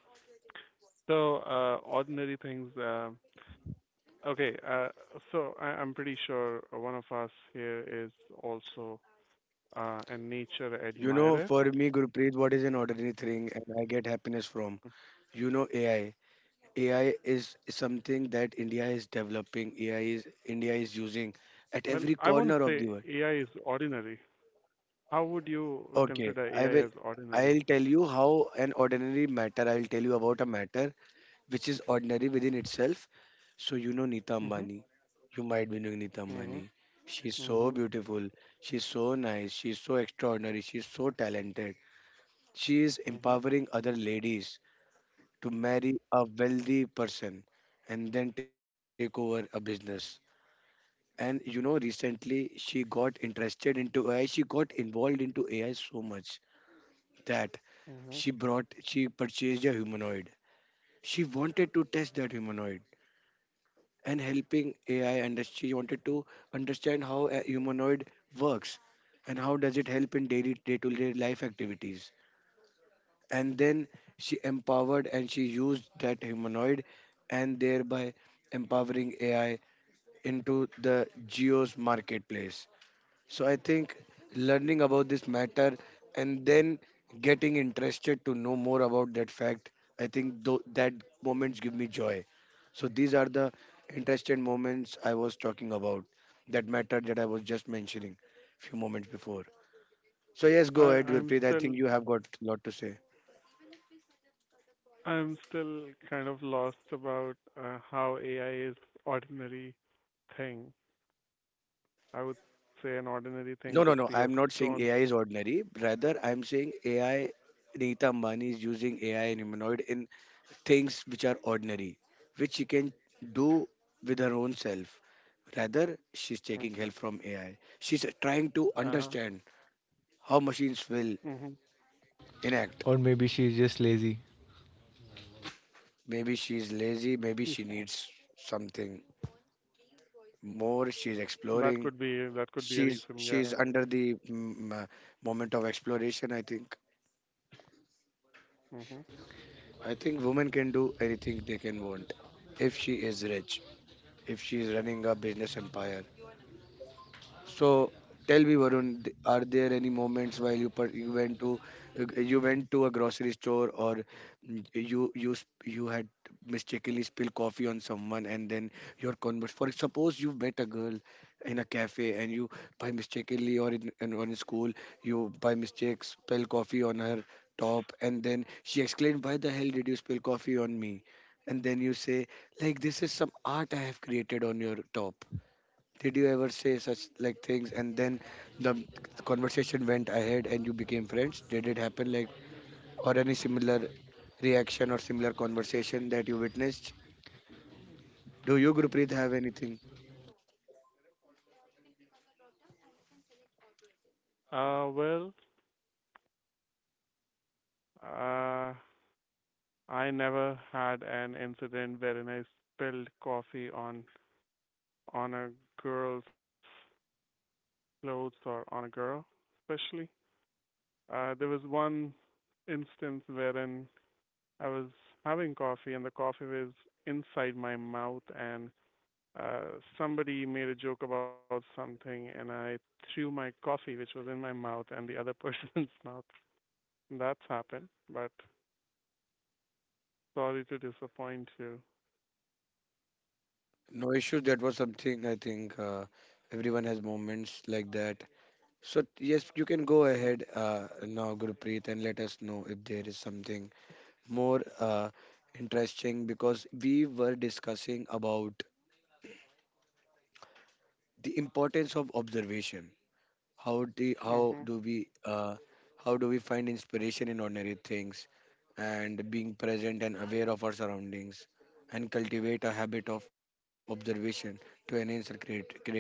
[SPEAKER 3] so uh, ordinary things. Okay, so I'm pretty sure one of us here is also a nature
[SPEAKER 1] You know,
[SPEAKER 3] admirer.
[SPEAKER 1] for me, Gurpreet, what is an ordinary thing and I get happiness from? You know, AI. AI is something that India is developing. AI is India is using at
[SPEAKER 3] Well,
[SPEAKER 1] every
[SPEAKER 3] I won't
[SPEAKER 1] corner of
[SPEAKER 3] say
[SPEAKER 1] the world.
[SPEAKER 3] AI is ordinary. How would you
[SPEAKER 1] Okay,
[SPEAKER 3] consider
[SPEAKER 1] I will.
[SPEAKER 3] AI as ordinary?
[SPEAKER 1] I'll tell you how an ordinary matter. I'll tell you about a matter which is ordinary within itself. So you know Nita
[SPEAKER 3] Mhm.
[SPEAKER 1] Ambani. You might be knowing Nita
[SPEAKER 3] Mhm.
[SPEAKER 1] Ambani. She's so
[SPEAKER 3] Mhm.
[SPEAKER 1] beautiful. She's so nice. She's so extraordinary. She's so talented. She is
[SPEAKER 3] Mhm.
[SPEAKER 1] empowering other ladies to marry a wealthy person and then take over a business. And you know, recently she got interested into AI. She got involved into AI so much that
[SPEAKER 3] Mhm.
[SPEAKER 1] she purchased a humanoid. She wanted to test that humanoid and helping AI industry. You wanted to understand how a humanoid works and how does it help in daily day-to-day life activities. And then she empowered and she used that humanoid and thereby empowering AI into the Geo's marketplace. So I think learning about this matter and then getting interested to know more about that fact, I think that moments give me joy. So these are the interesting moments I was talking about, that matter that I was just mentioning few moments before. So yes,
[SPEAKER 3] I
[SPEAKER 1] go ahead,
[SPEAKER 3] I'm
[SPEAKER 1] Gurpreet. I
[SPEAKER 3] still
[SPEAKER 1] think you have got a lot to say.
[SPEAKER 3] I'm still kind of lost about how AI is ordinary thing. I would say an ordinary thing could
[SPEAKER 1] No,
[SPEAKER 3] be a
[SPEAKER 1] no, no. I'm not
[SPEAKER 3] stone.
[SPEAKER 1] saying AI is ordinary. Rather, I'm saying AI. Neeta Ambani is using AI and humanoid in things which are ordinary, which she can do with her own self. Rather, she's taking
[SPEAKER 3] Okay.
[SPEAKER 1] help from AI. She's trying to
[SPEAKER 3] Uh-huh.
[SPEAKER 1] understand how machines will
[SPEAKER 3] Mm-hmm.
[SPEAKER 1] enact.
[SPEAKER 2] Or maybe she's just lazy.
[SPEAKER 1] Maybe she's lazy, maybe she
[SPEAKER 3] Okay.
[SPEAKER 1] needs something more. She's
[SPEAKER 3] That
[SPEAKER 1] exploring.
[SPEAKER 3] could be that could be a
[SPEAKER 1] She's
[SPEAKER 3] reason, yeah.
[SPEAKER 1] she's under the moment of exploration, I think.
[SPEAKER 3] Mm-hmm.
[SPEAKER 1] I think women can do anything they can want if she is rich, if she is running a business empire. So tell me, Varun, are there any moments while you you went to you went to a grocery store or you had mistakenly spilled coffee on someone and then your converse? For suppose you met a girl in a cafe and you by mistakenly or in on school, you by mistake spill coffee on her top and then she exclaimed, why the hell did you spill coffee on me? And then you say, like, this is some art I have created on your top. Did you ever say such like things, and then the conversation went ahead and you became friends? Did it happen like, or any similar reaction or similar conversation that you witnessed? Do you, Gurpreet, have anything?
[SPEAKER 3] Well, uh, I never had an incident wherein I spilled coffee on a girl's clothes or on a girl, especially. There was one instance wherein I was having coffee and the coffee was inside my mouth and somebody made a joke about something and I threw my coffee which was in my mouth and the other person's mouth. That's happened, but sorry to disappoint you.
[SPEAKER 1] No issues. That was something, I think everyone has moments like that. So yes, you can go ahead, now, Gurpreet, and let us know if there is something more, interesting, because we were discussing about the importance of observation. How do how
[SPEAKER 3] Mhm.
[SPEAKER 1] do we how do we find inspiration in ordinary things and being present and aware of our surroundings, and cultivate a habit of observation to enhance our creativity.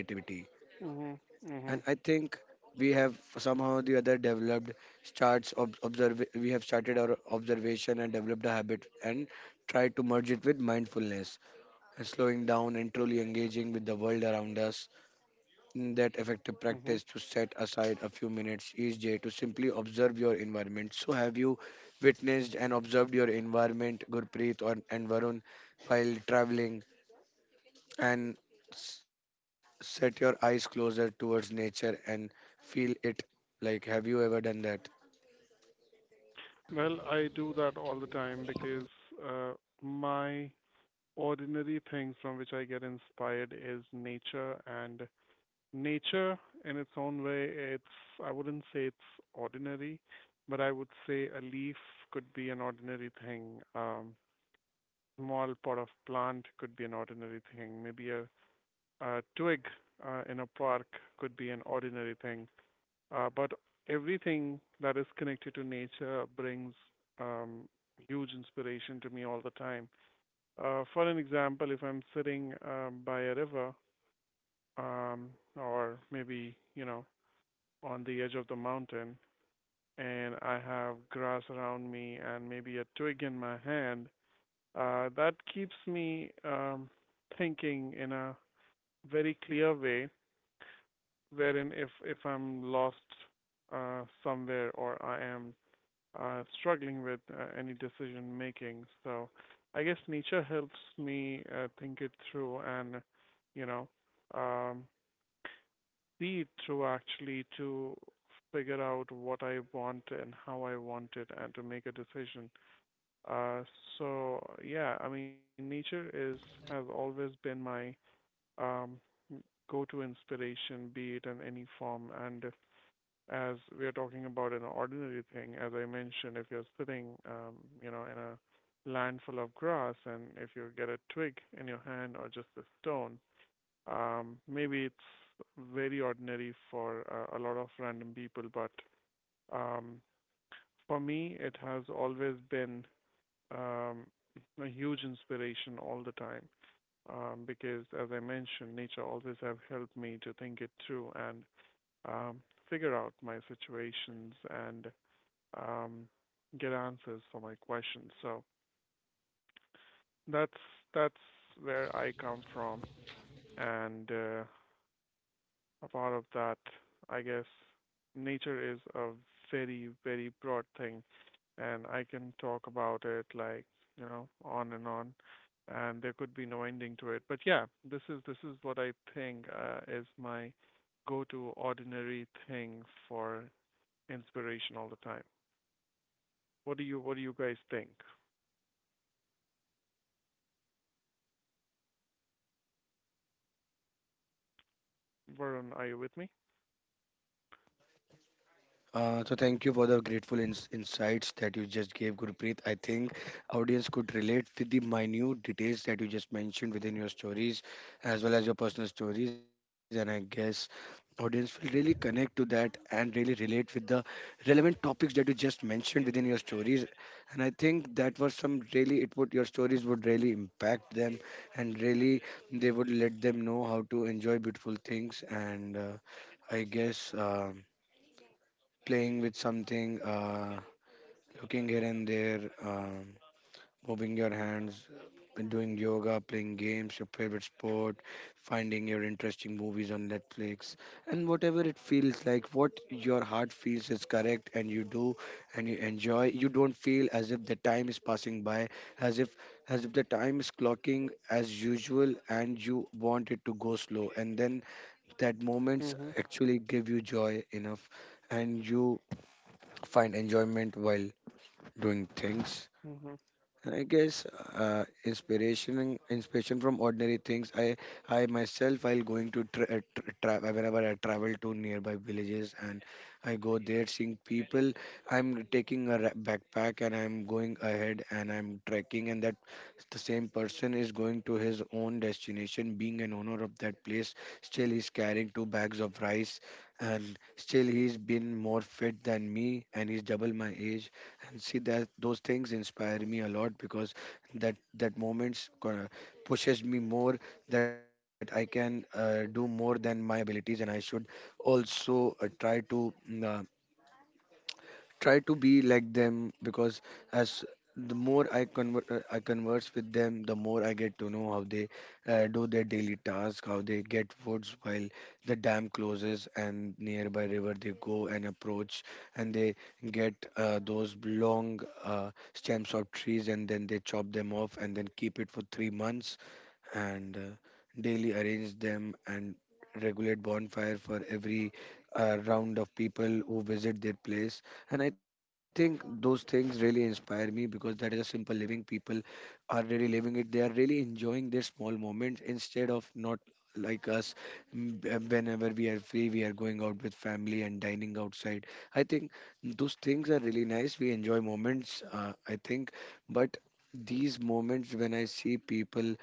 [SPEAKER 3] Mhm.
[SPEAKER 1] And I
[SPEAKER 3] Mhm.
[SPEAKER 1] think we have somehow or the other developed starts observe, we have started our observation and developed a habit, and tried to merge it with mindfulness and slowing down and truly engaging with the world around us. That effective
[SPEAKER 3] Mhm.
[SPEAKER 1] practice to set aside a few minutes each day to simply observe your environment. So, have you witnessed and observed your environment, Gurpreet or and Varun, while traveling and set your eyes closer towards nature and feel it? Like, have you ever done that?
[SPEAKER 3] Well, I do that all the time because uh, my ordinary things from which I get inspired is nature and nature, in its own way, it's. I wouldn't say it's ordinary, but I would say a leaf could be an ordinary thing. Small pot of plant could be an ordinary thing. Maybe a twig in a park could be an ordinary thing. But everything that is connected to nature brings um, huge inspiration to me all the time. For an example, if I'm sitting by a river, um, or maybe you know on the edge of the mountain and I have grass around me and maybe a twig in my hand, that keeps me thinking in a very clear way. Wherein, if I'm lost somewhere or I am struggling with any decision making, so I guess nature helps me think it through and you know um, see through actually to figure out what I want and how I want it and to make a decision. Uh, so yeah, I mean nature is. Has always been my um, go-to inspiration, be it in any form. And if, as we are talking about an ordinary thing, as I mentioned, if you're sitting, you know, in a land full of grass, and if you get a twig in your hand or just a stone, maybe it's very ordinary for a lot of random people, but um, for me, it has always been um, a huge inspiration all the time. Because, as I mentioned, nature always have helped me to think it through and um, figure out my situations and um, get answers for my questions. So that's that's where I come from, and a part of that. I guess nature is a very, very broad thing, and I can talk about it like, you know, on, and there could be no ending to it. But yeah, this is what I think is my go-to ordinary thing for inspiration all the time. What do you guys think? Varun, are you with me?
[SPEAKER 1] So thank you for the grateful insights that you just gave, Gurpreet. I think audience could relate with the minute details that you just mentioned within your stories, as well as your personal stories, and I guess audience will really connect to that and really relate with the relevant topics that you just mentioned within your stories. And I think that was some really, it would, your stories would really impact them, and really they would let them know how to enjoy beautiful things. And I guess, playing with something, looking here and there, moving your hands, doing yoga, playing games, your favorite sport, finding your interesting movies on Netflix, and whatever it feels like, what your heart feels is correct, and you do, and you enjoy. You don't feel as if the time is passing by, as if as if the time is clocking as usual, and you want it to go slow, and then that
[SPEAKER 3] Mhm.
[SPEAKER 1] moments actually give you joy enough, and you find enjoyment while doing things.
[SPEAKER 3] Mhm.
[SPEAKER 1] And I guess, inspiration from ordinary things. I myself, while going to whenever I travel to nearby villages and I go there seeing people. I'm taking a backpack and I'm going ahead and I'm trekking, and that the same person is going to his own destination, being an owner of that place. Still, he's carrying two bags of rice, and still he's been more fit than me, and he's double my age, and see that those things inspire me a lot, because that moments pushes me more, that I can do more than my abilities, and I should also try to. Try to be like them, because as the more I I converse with them, the more I get to know how they do their daily task, how they get foods while the dam closes and nearby river they go and approach, and they get those long stems of trees, and then they chop them off and then keep it for 3 months, and daily arrange them and regulate bonfire for every round of people who visit their place. And I think those things really inspire me, because that is a simple living. People are really living it, they are really enjoying their small moments, instead of not like us. Whenever we are free, we are going out with family and dining outside. I think those things are really nice, we enjoy moments, I think. But these moments, when I see people,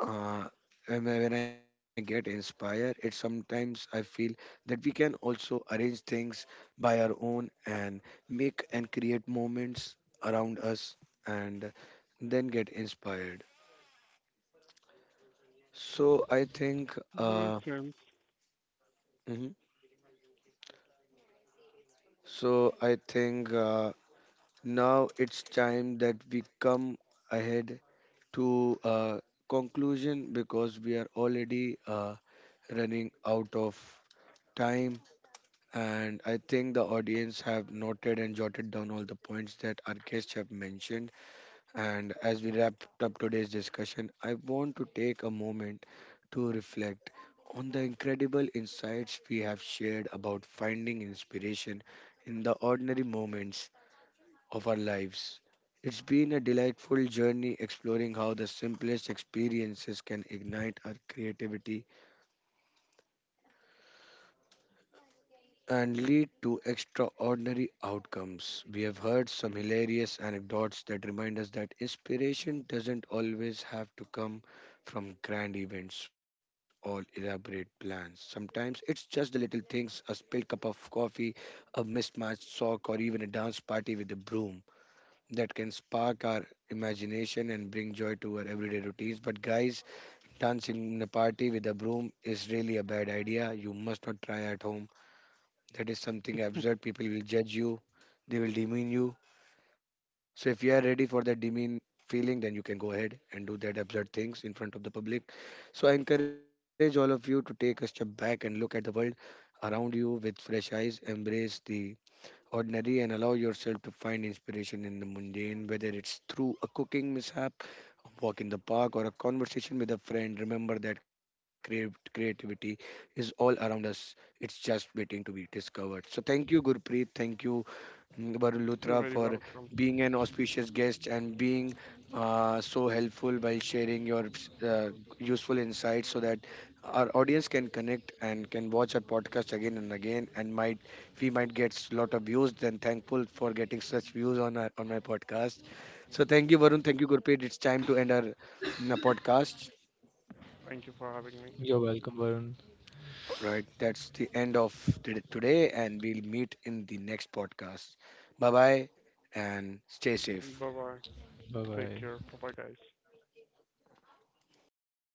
[SPEAKER 1] uh, when I get inspired, it sometimes I feel that we can also arrange things by our own and make and create moments around us and then get inspired. So I think,
[SPEAKER 3] That makes sense.
[SPEAKER 1] mhm. so I think now it's time that we come ahead to a conclusion, because we are already running out of time. And I think the audience have noted and jotted down all the points that our guests have mentioned. And as we wrap up today's discussion, I want to take a moment to reflect on the incredible insights we have shared about finding inspiration in the ordinary moments of our lives. It's been a delightful journey exploring how the simplest experiences can ignite our creativity and lead to extraordinary outcomes. We have heard some hilarious anecdotes that remind us that inspiration doesn't always have to come from grand events or elaborate plans. Sometimes it's just the little things: a spilled cup of coffee, a mismatched sock, or even a dance party with a broom, that can spark our imagination and bring joy to our everyday routines. But, guys, dancing in a party with a broom is really a bad idea. You must not try at home, that is something absurd. People will judge you, they will demean you. So if you are ready for that demean feeling, then you can go ahead and do that absurd things in front of the public. So I encourage all of you to take a step back and look at the world around you with fresh eyes. Embrace the ordinary and allow yourself to find inspiration in the mundane, whether it's through a cooking mishap, a walk in the park, or a conversation with a friend. Remember that creativity is all around us, it's just waiting to be discovered. So, thank you, Gurpreet. Thank you, Varun
[SPEAKER 3] You're
[SPEAKER 1] Luthra,
[SPEAKER 3] very
[SPEAKER 1] for
[SPEAKER 3] welcome.
[SPEAKER 1] being an auspicious guest and being so helpful while sharing your uh, useful insights, so that our audience can connect and can watch our podcast again and again, and might we might get a lot of views. Then thankful for getting such views on on my podcast. So thank you, Varun. Thank you, Gurpreet. It's time to end our podcast.
[SPEAKER 3] Thank you for having me.
[SPEAKER 2] You're welcome, Varun.
[SPEAKER 1] Right, that's the end of today, and we'll meet in the next podcast. Bye bye, and stay safe.
[SPEAKER 3] Bye bye.
[SPEAKER 2] Bye
[SPEAKER 3] Take care.
[SPEAKER 2] bye.
[SPEAKER 3] Bye-bye, guys.